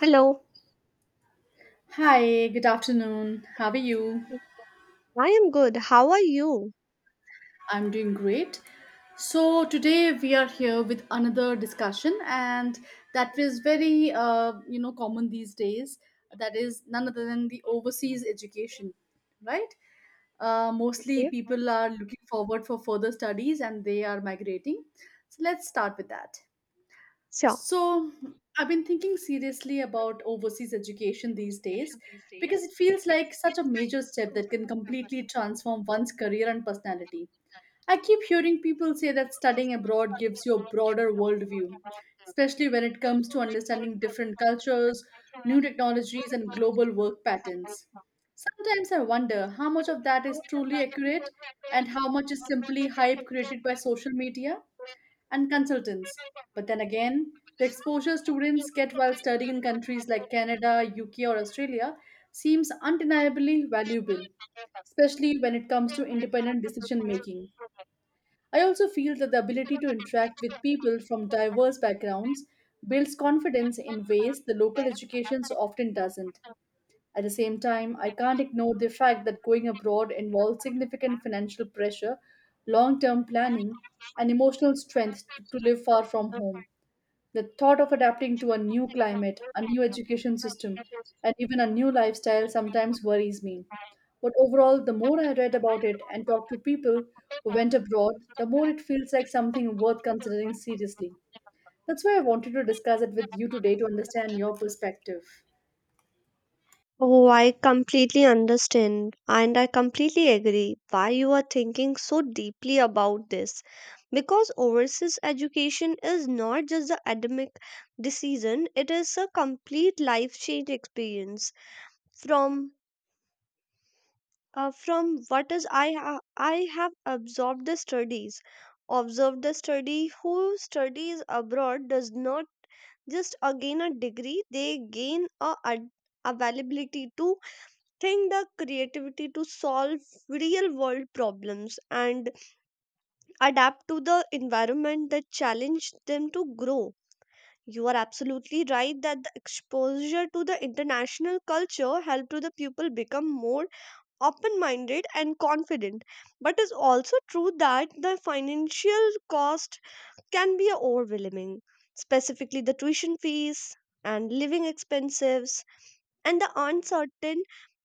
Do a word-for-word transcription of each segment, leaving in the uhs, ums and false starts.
Hello. Hi, good afternoon. How are you? I am good. How are you? I'm doing great. So, today we are here with another discussion, and that is very, uh, you know, common these days. That is none other than the overseas education, right? Uh, mostly Yeah. people are looking forward for further studies and they are migrating. So, let's start with that. Sure. So, I've been thinking seriously about overseas education these days because it feels like such a major step that can completely transform one's career and personality. I keep hearing people say that studying abroad gives you a broader worldview, especially when it comes to understanding different cultures, new technologies, and global work patterns. Sometimes I wonder how much of that is truly accurate and how much is simply hype created by social media and consultants. But then again, the exposure students get while studying in countries like Canada, U K, or Australia seems undeniably valuable, especially when it comes to independent decision making. I also feel that the ability to interact with people from diverse backgrounds builds confidence in ways the local education often doesn't. At the same time, I can't ignore the fact that going abroad involves significant financial pressure, long term planning, and emotional strength to to live far from home. The thought of adapting to a new climate, a new education system, and even a new lifestyle sometimes worries me. But overall, the more I read about it and talked to people who went abroad, the more it feels like something worth considering seriously. That's why I wanted to discuss it with you today to understand your perspective. Oh, I completely understand and I completely agree why you are thinking so deeply about this. Because overseas education is not just the academic decision, it is a complete life change experience. From uh, from what is I ha- I have absorbed the studies, observed the study who studies abroad does not just uh, gain a degree, they gain a ad- availability to think the creativity to solve real world problems and adapt to the environment that challenge them to grow. You are absolutely right that the exposure to the international culture help to the people become more open minded and confident, but it's also true that the financial cost can be overwhelming, specifically the tuition fees and living expenses and the uncertain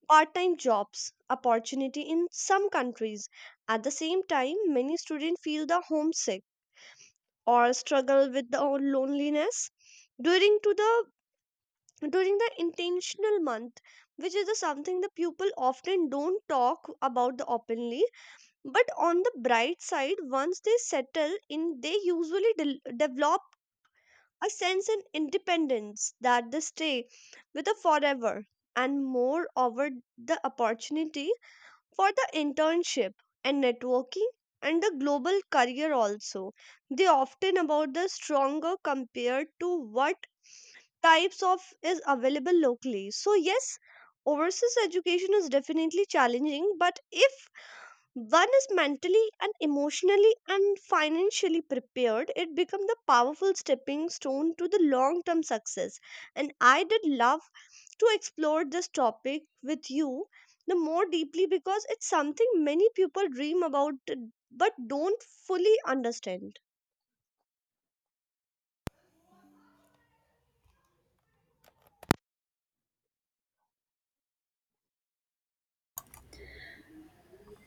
part-time jobs opportunity in some countries. At the same time, many students feel the homesick or struggle with the loneliness during to the during the intentional month, which is the something the people often don't talk about the openly. But on the bright side, once they settle in, they usually del- develop a sense of independence that they stay with a forever, and moreover, the opportunity for the internship and networking and the global career also. They often about the stronger compared to what types of is available locally. So yes, overseas education is definitely challenging, but if one is mentally and emotionally and financially prepared, it become the powerful stepping stone to the long term success, and I did love to explore this topic with you the more deeply because it's something many people dream about, uh, but don't fully understand.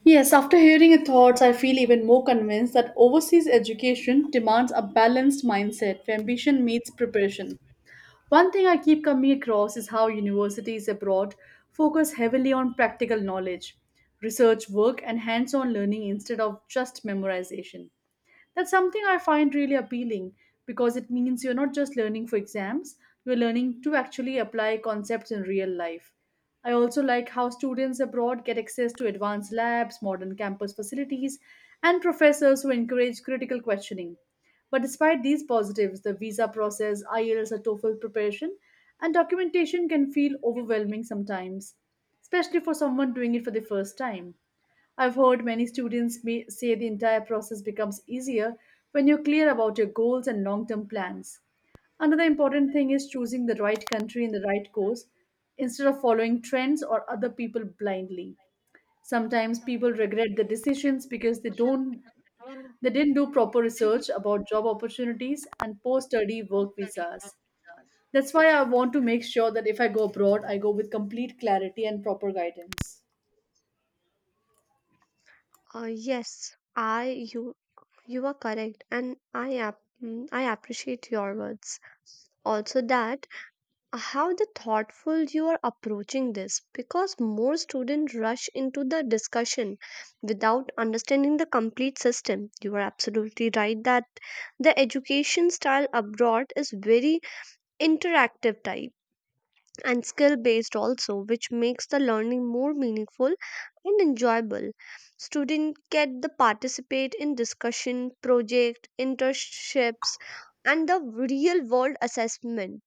Yes, after hearing your thoughts, I feel even more convinced that overseas education demands a balanced mindset where ambition meets preparation. One thing I keep coming across is how universities abroad focus heavily on practical knowledge, research work, and hands on learning instead of just memorization. That's something I find really appealing because it means you're not just learning for exams, you're learning to actually apply concepts in real life. I also like how students abroad get access to advanced labs, modern campus facilities, and professors who encourage critical questioning. But despite these positives, the visa process, I E L T S, or TOEFL preparation, and documentation can feel overwhelming sometimes, especially for someone doing it for the first time. I've heard many students may say the entire process becomes easier when you're clear about your goals and long term plans. Another important thing is choosing the right country and the right course instead of following trends or other people blindly. Sometimes people regret the decisions because they don't they didn't do proper research about job opportunities and post-study work visas. That's why I want to make sure that if I go abroad, I go with complete clarity and proper guidance. Uh, yes, I you you are correct, and I app mm, I appreciate your words. Also, that how the thoughtful you are approaching this because more students rush into the discussion without understanding the complete system. You are absolutely right that the education style abroad is very interactive type and skill based also, which makes the learning more meaningful and enjoyable. Students get the participate in discussion project internships and the real world assessment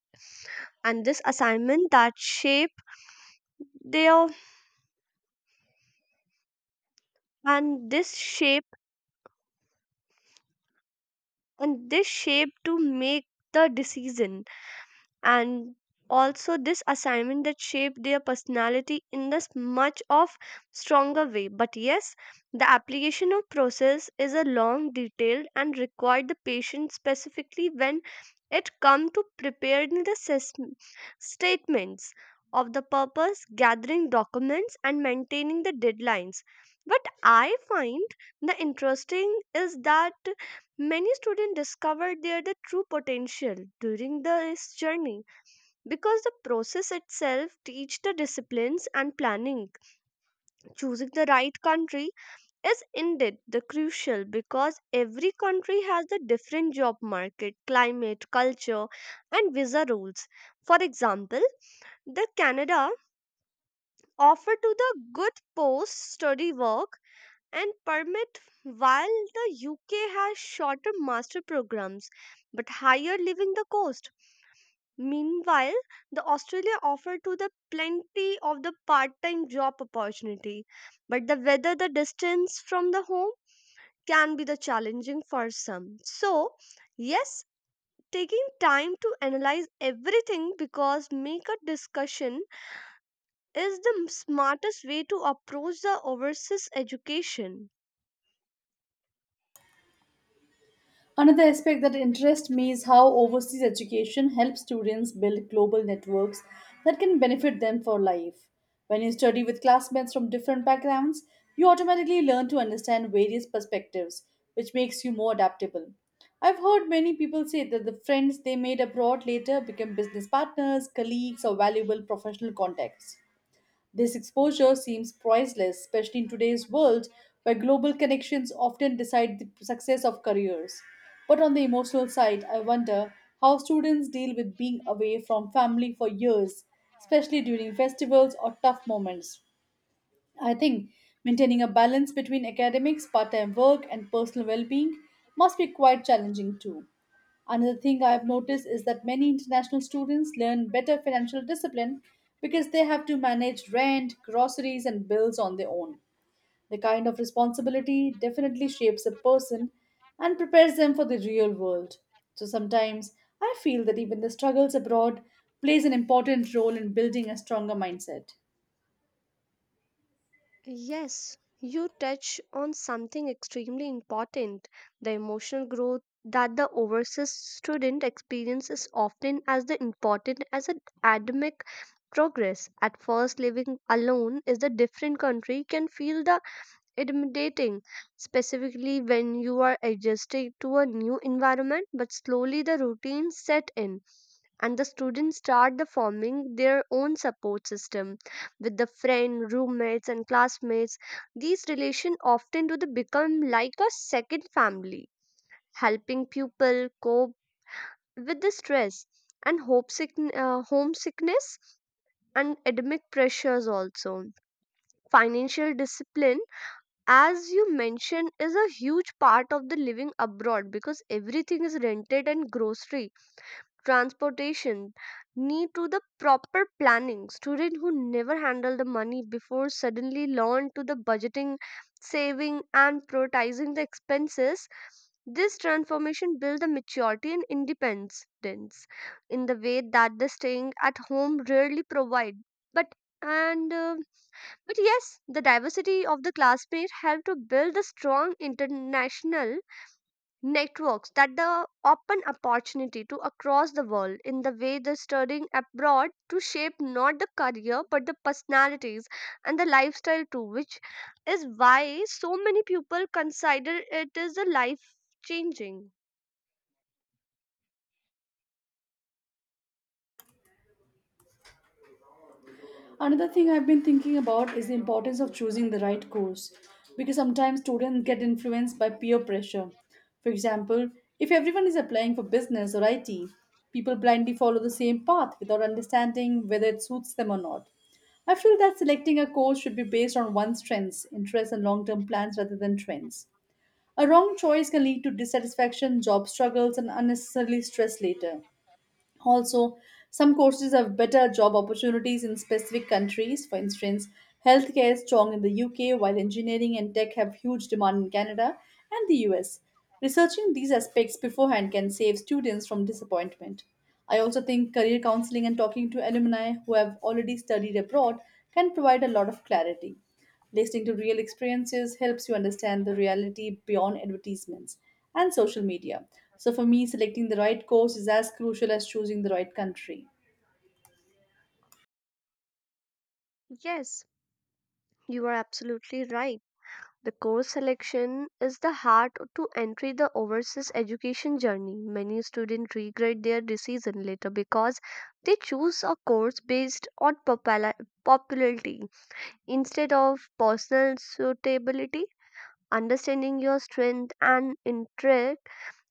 and this assignment that shape their and this shape and this shape to make the decision, and also this assignment that shaped their personality in this much of stronger way. But yes, the application of process is a long detailed and required the patience, specifically when it come to preparing the sys- statements of the purpose, gathering documents, and maintaining the deadlines. But I find the interesting is that many students discovered their the true potential during this journey because the process itself teach the disciplines and planning. Choosing the right country is indeed the crucial because every country has the different job market, climate, culture, and visa rules. For example, the Canada offer to the good post study work and permit, while the UK has shorter master programs but higher living the cost. Meanwhile, the Australia offered to the plenty of the part-time job opportunity, but the whether the distance from the home can be the challenging for some. So, yes, taking time to analyze everything because make a discussion is the smartest way to approach the overseas education. Another aspect that interests me is how overseas education helps students build global networks that can benefit them for life. When you study with classmates from different backgrounds, you automatically learn to understand various perspectives, which makes you more adaptable. I've heard many people say that the friends they made abroad later become business partners, colleagues, or valuable professional contacts. This exposure seems priceless, especially in today's world where global connections often decide the success of careers. But on the emotional side, I wonder how students deal with being away from family for years, especially during festivals or tough moments. I think maintaining a balance between academics, part time work, and personal well being must be quite challenging too. Another thing I have noticed is that many international students learn better financial discipline because they have to manage rent, groceries, and bills on their own. The kind of responsibility definitely shapes a person and prepares them for the real world. So sometimes I feel that even the struggles abroad plays an important role in building a stronger mindset. Yes, you touch on something extremely important. The emotional growth that the overseas student experiences is often as the important as an academic progress. At first, living alone is the different country can feel the intimidating, specifically when you are adjusting to a new environment. But slowly, the routine set in and the students start the forming their own support system with the friend, roommates, and classmates. These relations often do the become like a second family, helping pupil cope with the stress and homesick, uh, homesickness and academic pressures also. Financial discipline, as you mentioned, is a huge part of the living abroad because everything is rented and grocery, transportation need to the proper planning. Student who never handle the money before suddenly learn to the budgeting, saving, and prioritizing the expenses. This transformation build the maturity and independence in the way that the staying at home rarely provide. But and uh, but yes, the diversity of the classmate help to build a strong international networks that the open opportunity to across the world. In the way the studying abroad to shape not the career but the personalities and the lifestyle too, which is why so many people consider it is a life changing. Another thing I've been thinking about is the importance of choosing the right course because sometimes students get influenced by peer pressure. For example, if everyone is applying for business or I T, people blindly follow the same path without understanding whether it suits them or not. I feel that selecting a course should be based on one's strengths, interests, and long term plans rather than trends. A wrong choice can lead to dissatisfaction, job struggles, and unnecessarily stress later. Also, some courses have better job opportunities in specific countries. For instance, healthcare is strong in the U K, while engineering and tech have huge demand in Canada and the U S. Researching these aspects beforehand can save students from disappointment. I also think career counseling and talking to alumni who have already studied abroad can provide a lot of clarity. Listening to real experiences helps you understand the reality beyond advertisements and social media. So, for me, selecting the right course is as crucial as choosing the right country. Yes, you are absolutely right. The course selection is the heart to entry the overseas education journey. Many students regret their decision later because they choose a course based on popula- popularity instead of personal suitability. Understanding your strength and interest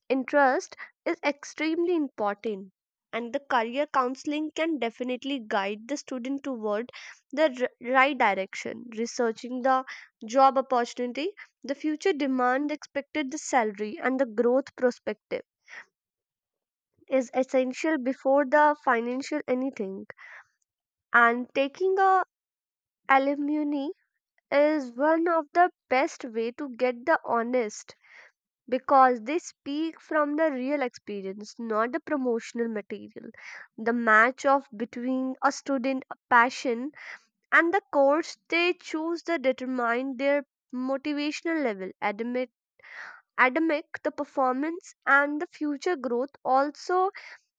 interest is extremely important, and the career counseling can definitely guide the student toward the r- right direction. Researching the job opportunity, the future demand, expected the salary, and the growth perspective is essential before the financial anything, and taking a alumni is one of the best way to get the honest because they speak from the real experience, not the promotional material. The match of between a student passion and the course they choose to determine their motivational level, academic, academic the performance, and the future growth also.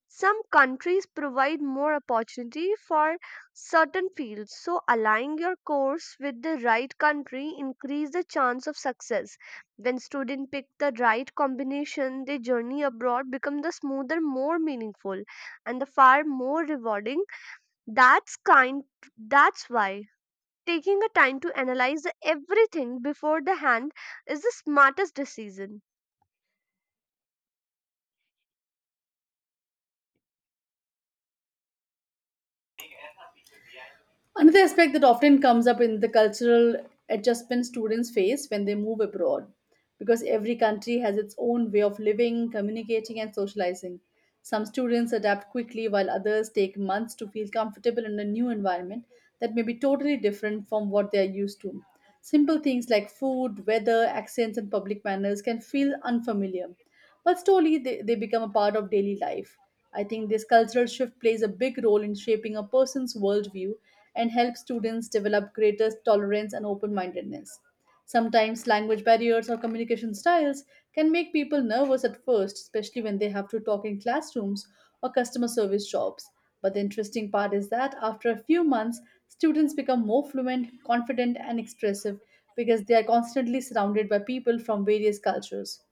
Some countries provide more opportunity for certain fields, so aligning your course with the right country increase the chance of success. When students pick the right combination, their journey abroad becomes the smoother, more meaningful, and the far more rewarding. That's kind. That's why taking a time to analyze everything before the hand is the smartest decision. Another aspect that often comes up in the cultural adjustment students face when they move abroad, because every country has its own way of living, communicating, and socializing. Some students adapt quickly, while others take months to feel comfortable in a new environment that may be totally different from what they are used to. Simple things like food, weather, accents, and public manners can feel unfamiliar but slowly they, they become a part of daily life. I think this cultural shift plays a big role in shaping a person's worldview and helps students develop greater tolerance and open mindedness. Sometimes language barriers or communication styles can make people nervous at first, especially when they have to talk in classrooms or customer service jobs. But the interesting part is that after a few months, students become more fluent, confident, and expressive because they are constantly surrounded by people from various cultures.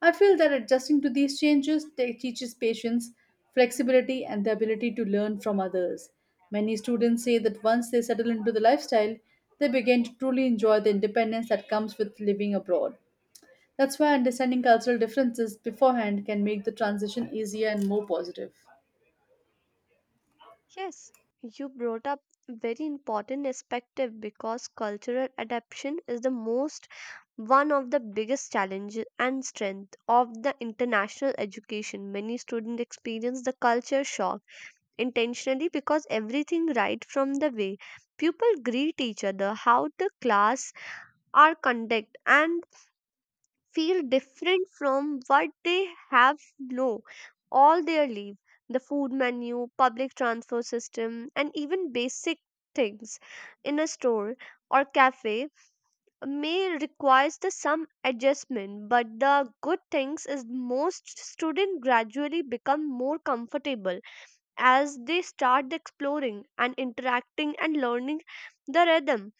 I feel that adjusting to these changes te- teaches patience, flexibility, and the ability to learn from others. Many students say that once they settle into the lifestyle, they begin to truly enjoy the independence that comes with living abroad. That's why understanding cultural differences beforehand can make the transition easier and more positive. Yes, you brought up very important perspective because cultural adaptation is the most one of the biggest challenges and strength of the international education. Many students experience the culture shock intentionally because everything right from the way people greet each other, how the class are conducted and feel different from what they have know all their life. The food menu, public transport system, and even basic things in a store or cafe may requires the some adjustment. But the good things is most students gradually become more comfortable as they start exploring and interacting and learning the rhythm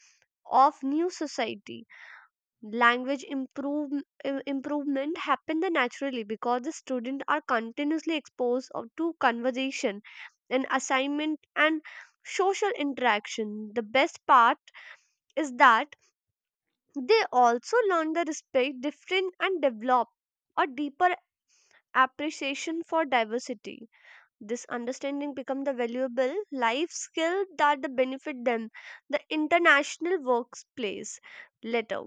of new society. Language improve, im- improvement happen the naturally because the students are continuously exposed of- to conversation and assignment and social interaction. The best part is that they also learn to respect different and develop a deeper appreciation for diversity. This understanding become the valuable life skill that the benefit them the international workplace later.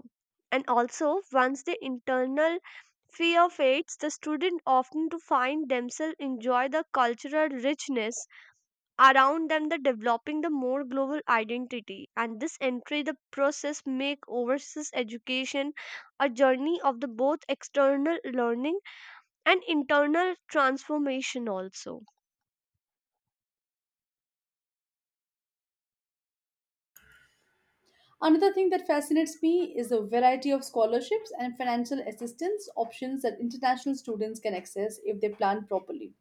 And also, once the internal fear fades, the student often to find themselves enjoy the cultural richness around them, the developing the more global identity, and this entry the process make overseas education a journey of the both external learning and internal transformation also. Another thing that fascinates me is the variety of scholarships and financial assistance options that international students can access if they plan properly.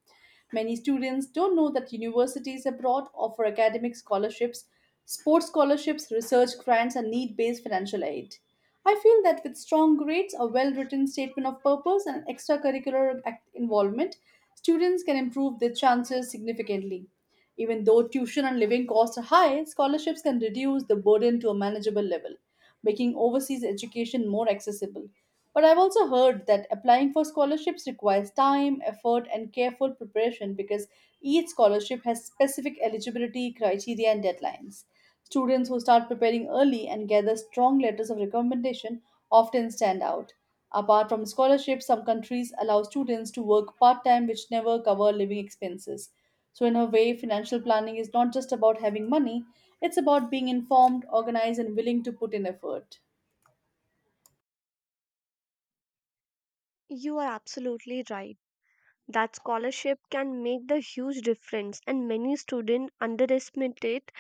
Many students don't know that universities abroad offer academic scholarships, sports scholarships, research grants, and need based financial aid. I feel that with strong grades, a well written statement of purpose, and extracurricular ac- involvement, students can improve their chances significantly. Even though tuition and living costs are high, scholarships can reduce the burden to a manageable level, making overseas education more accessible. But I've also heard that applying for scholarships requires time, effort, and careful preparation because each scholarship has specific eligibility criteria and deadlines. Students who start preparing early and gather strong letters of recommendation often stand out. Apart from scholarships, some countries allow students to work part time, which never cover living expenses. So, in a way, financial planning is not just about having money, it's about being informed, organized, and willing to put in effort. You are absolutely right. That scholarship can make the huge difference, and many students underestimate it.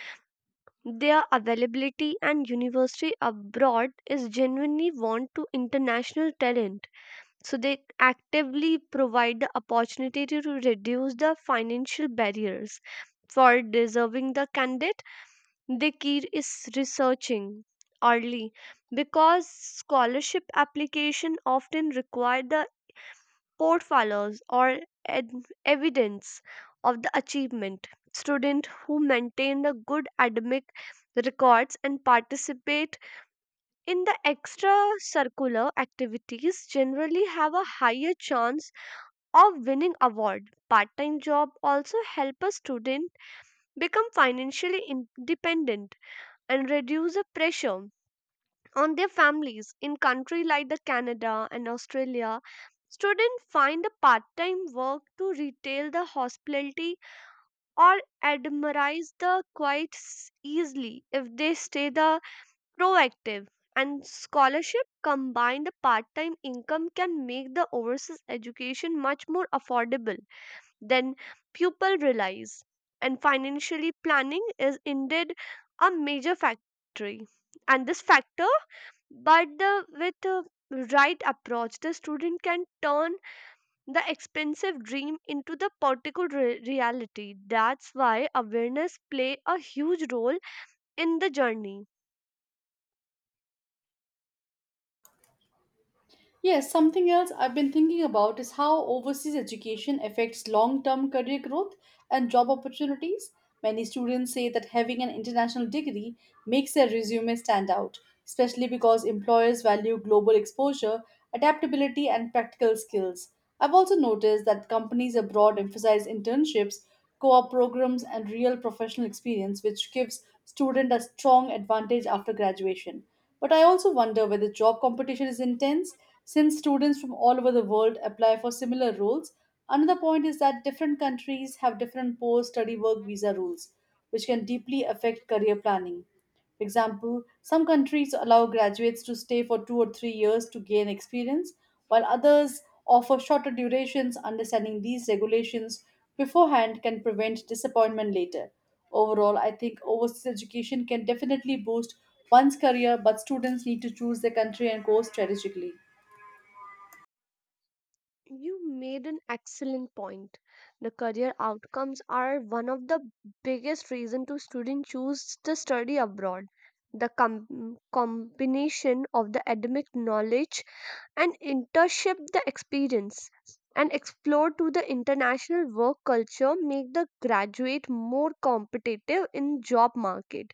Their availability and university abroad is genuinely want to international talent. So they actively provide the opportunity to reduce the financial barriers. For deserving the candidate, the key is researching early because scholarship application often require the portfolios or ed- evidence of the achievement. Students who maintain the good academic records and participate in the extracurricular activities generally have a higher chance of winning award. Part-time job also help a student become financially independent and reduce the pressure on their families. In country like the Canada and Australia, students find a part-time work to retail the hospitality or admires the quite s- easily if they stay the proactive, and scholarship combined the part-time income can make the overseas education much more affordable than pupil realize. And financially planning is indeed a major factor, and this factor, but the with the right approach the student can turn the expensive dream into the particle re- reality. That's why awareness play a huge role in the journey. Yes, something else I've been thinking about is how overseas education affects long term career growth and job opportunities. Many students say that having an international degree makes their resume stand out, especially because employers value global exposure, adaptability, and practical skills. I've also noticed that companies abroad emphasize internships, co op programs, and real professional experience, which gives students a strong advantage after graduation. But I also wonder whether job competition is intense since students from all over the world apply for similar roles, another point is that different countries have different post study work visa rules, which can deeply affect career planning. For example, some countries allow graduates to stay for two or three years to gain experience, while others offer shorter durations. Understanding these regulations beforehand can prevent disappointment later. Overall, I think overseas education can definitely boost one's career, but students need to choose their country and course strategically. You made an excellent point. The career outcomes are one of the biggest reason to student choose to study abroad. The com- combination of the academic knowledge and internship the experience and explore to the international work culture make the graduate more competitive in job market.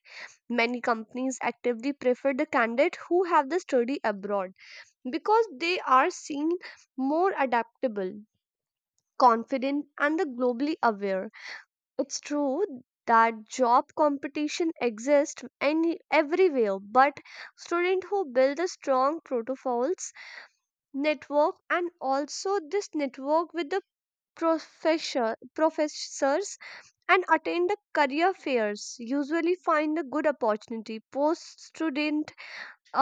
Many companies actively prefer the candidate who have the study abroad because they are seen more adaptable, confident, and the globally aware. It's true that job competition exists any everywhere, but students who build the strong protocols network, and also this network with the professor professors and attend the career fairs, usually find a good opportunity post student.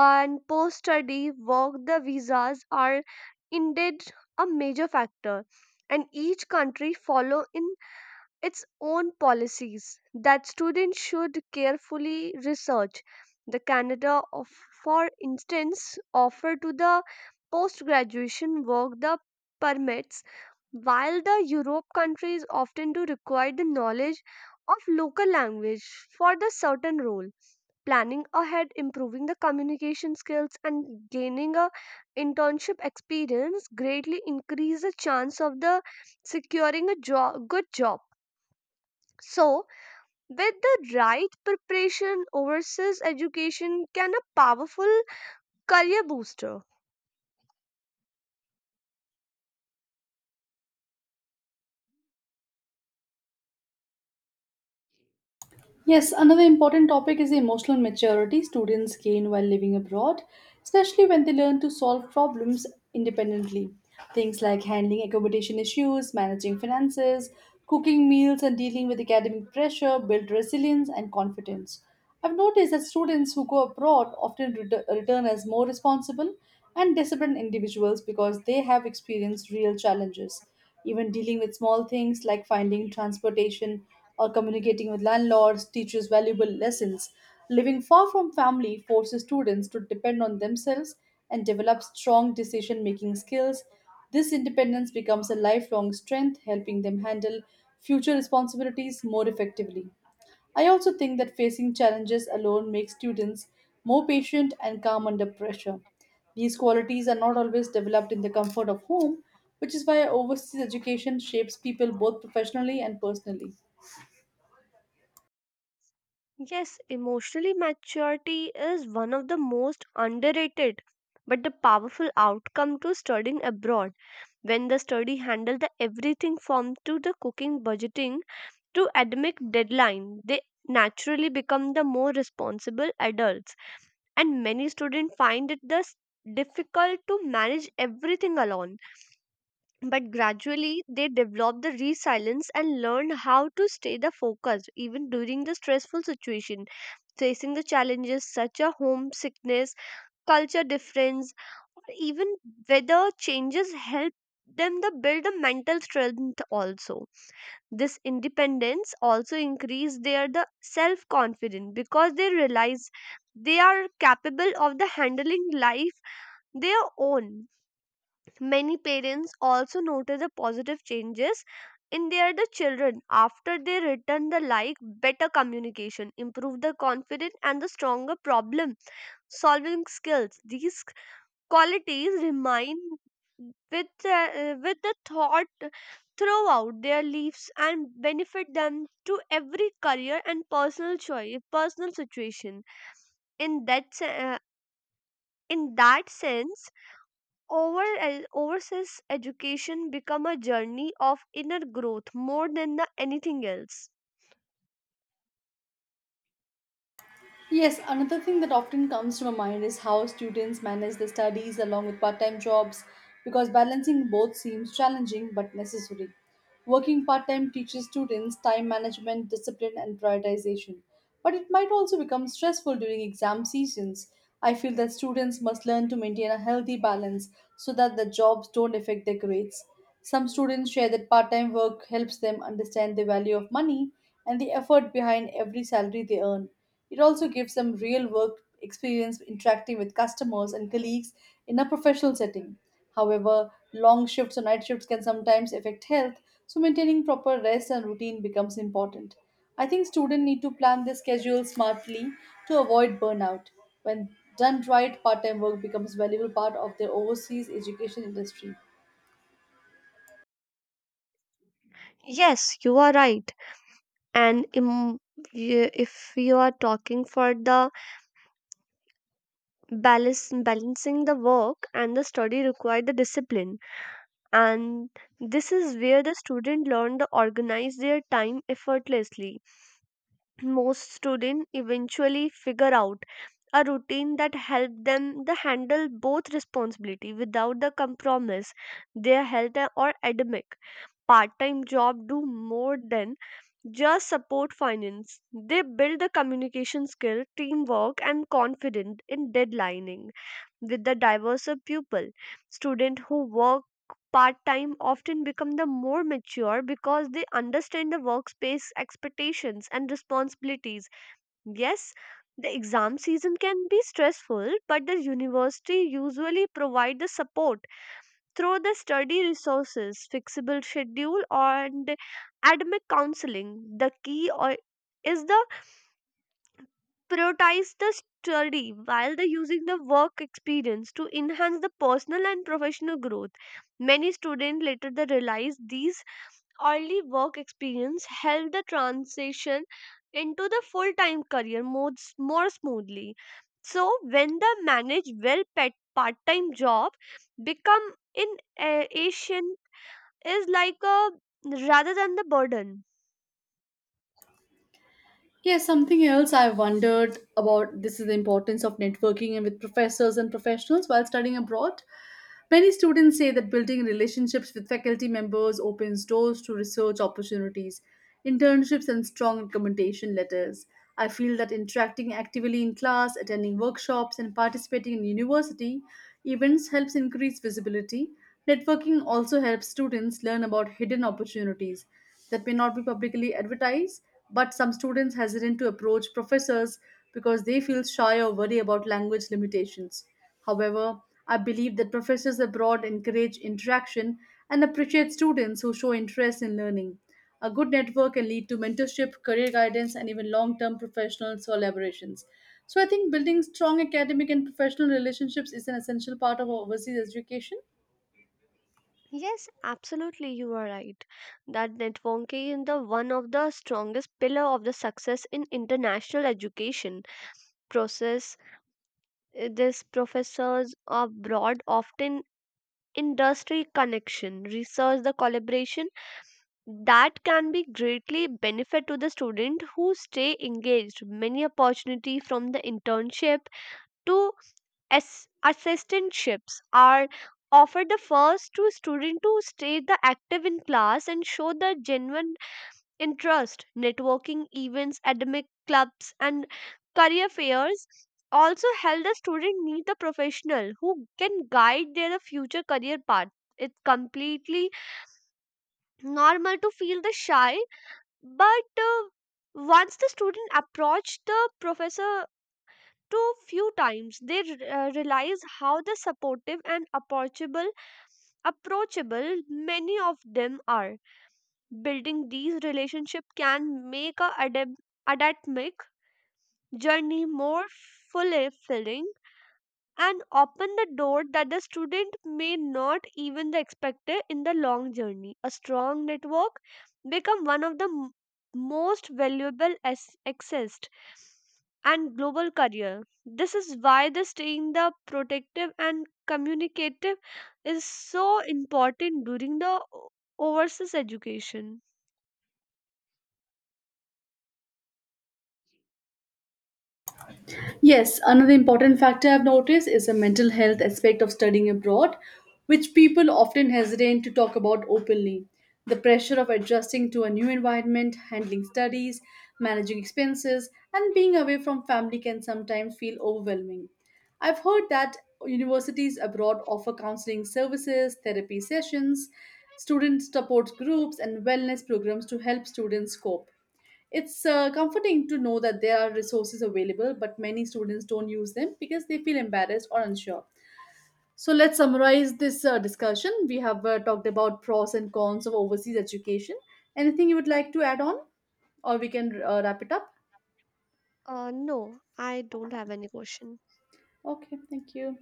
And post study work the visas are indeed a major factor, and each country follow in its own policies that students should carefully research. The Canada, of, for instance, offer to the post graduation work the permits, while the Europe countries often do require the knowledge of local language for the certain role. Planning ahead, improving the communication skills, and gaining a internship experience greatly increase the chance of the securing a job, good job. So, with the right preparation, overseas education can a powerful career booster. Yes, another important topic is the emotional maturity students gain while living abroad, especially when they learn to solve problems independently. Things like handling accommodation issues, managing finances, cooking meals, and dealing with academic pressure build resilience and confidence. I've noticed that students who go abroad often ret- return as more responsible and disciplined individuals because they have experienced real challenges, even dealing with small things like finding transportation or communicating with landlords teaches valuable lessons. Living far from family forces students to depend on themselves and develop strong decision making skills. This independence becomes a lifelong strength, helping them handle future responsibilities more effectively. I also think that facing challenges alone makes students more patient and calm under pressure. These qualities are not always developed in the comfort of home, which is why overseas education shapes people both professionally and personally. Yes, emotionally maturity is one of the most underrated but the powerful outcome to studying abroad when the study handle the everything from to the cooking budgeting to academic deadline they naturally become the more responsible adults, and many students find it thus difficult to manage everything alone, but gradually they develop the resilience and learn how to stay the focus even during the stressful situation. Facing the challenges such as homesickness, culture difference, or even weather changes help them to build a mental strength also. This independence also increase their the self confidence because they realize they are capable of the handling life their own. Many parents also notice the positive changes in their the children after they return the like better communication, improve the confidence and the stronger problem solving skills. These qualities remain with uh, with the thought throughout their lives and benefit them to every career and personal choice personal situation in that se- uh, in that sense over overseas education become a journey of inner growth more than the anything else. Yes, another thing that often comes to my mind is how students manage their studies along with part time jobs because balancing both seems challenging but necessary. Working part time teaches students time management, discipline, and prioritization, but it might also become stressful during exam seasons. I feel that students must learn to maintain a healthy balance so that their jobs don't affect their grades. Some students share that part time work helps them understand the value of money and the effort behind every salary they earn. It also gives them real work experience interacting with customers and colleagues in a professional setting. However, long shifts or night shifts can sometimes affect health, so maintaining proper rest and routine becomes important. I think students need to plan their schedule smartly to avoid burnout. When done right, part-time work becomes a valuable part of their overseas education industry. Yes, you are right. And im- y- if you are talking for the balance, balancing the work and the study require the discipline. And this is where the student learn to organize their time effortlessly. Most students eventually figure out a routine that helps them to handle both responsibility without the compromise their health or academic. Part-time job do more than just support finance. They build the communication skill, teamwork, and confidence in deadlining with the diverse of pupil. Students who work part time often become the more mature because they understand the workspace expectations and responsibilities. Yes, the exam season can be stressful, but the university usually provide the support through the study resources, flexible schedule, and academic counseling. The key or is the prioritize the study while the using the work experience to enhance the personal and professional growth. Many students later they realize these early work experience help the transition into the full-time career more, more smoothly. So when the manage well pet part-time job become in uh, Asian is like a rather than the burden. Yes, something else I wondered about this is the importance of networking and with professors and professionals while studying abroad. Many students say that building relationships with faculty members opens doors to research opportunities, internships, and strong recommendation letters. I feel that interacting actively in class, attending workshops, and participating in university events helps increase visibility. Networking also helps students learn about hidden opportunities that may not be publicly advertised, but some students hesitant to approach professors because they feel shy or worry about language limitations. However, I believe that professors abroad encourage interaction and appreciate students who show interest in learning. A good network can lead to mentorship, career guidance, and even long term professional collaborations. So, I think building strong academic and professional relationships is an essential part of overseas education. Yes, absolutely, you are right. That networking is the one of the strongest pillar of the success in international education process. Uh, These professors abroad often industry connection, research the collaboration that can be greatly benefit to the student who stay engaged. Many opportunity from the internship to As- assistantships are offered the first to student to stay the active in class and show the genuine interest networking events academic clubs and career fairs also help the student meet the professional who can guide their future career path. It's completely normal to feel the shy, but uh, once the student approach the professor too few times they re- uh, realize how the supportive and approachable approachable many of them are. Building these relationships can make a adab- academic journey more fulfilling and open the door that the student may not even the expected in the long journey. A strong network become one of the m- most valuable as- accessed and global career. This is why the staying the protective and communicative is so important during the o- overseas education. Yes, another important factor I've noticed is the mental health aspect of studying abroad, which people often hesitate to talk about openly. The pressure of adjusting to a new environment, handling studies, managing expenses, and being away from family can sometimes feel overwhelming. I've heard that universities abroad offer counseling services, therapy sessions, student support groups, and wellness programs to help students cope. It's uh, comforting to know that there are resources available, but many students don't use them because they feel embarrassed or unsure. So let's summarize this uh, discussion. We have uh, talked about pros and cons of overseas education. Anything you would like to add on, or we can uh, wrap it up? Uh, no, I don't have any question. Okay, thank you.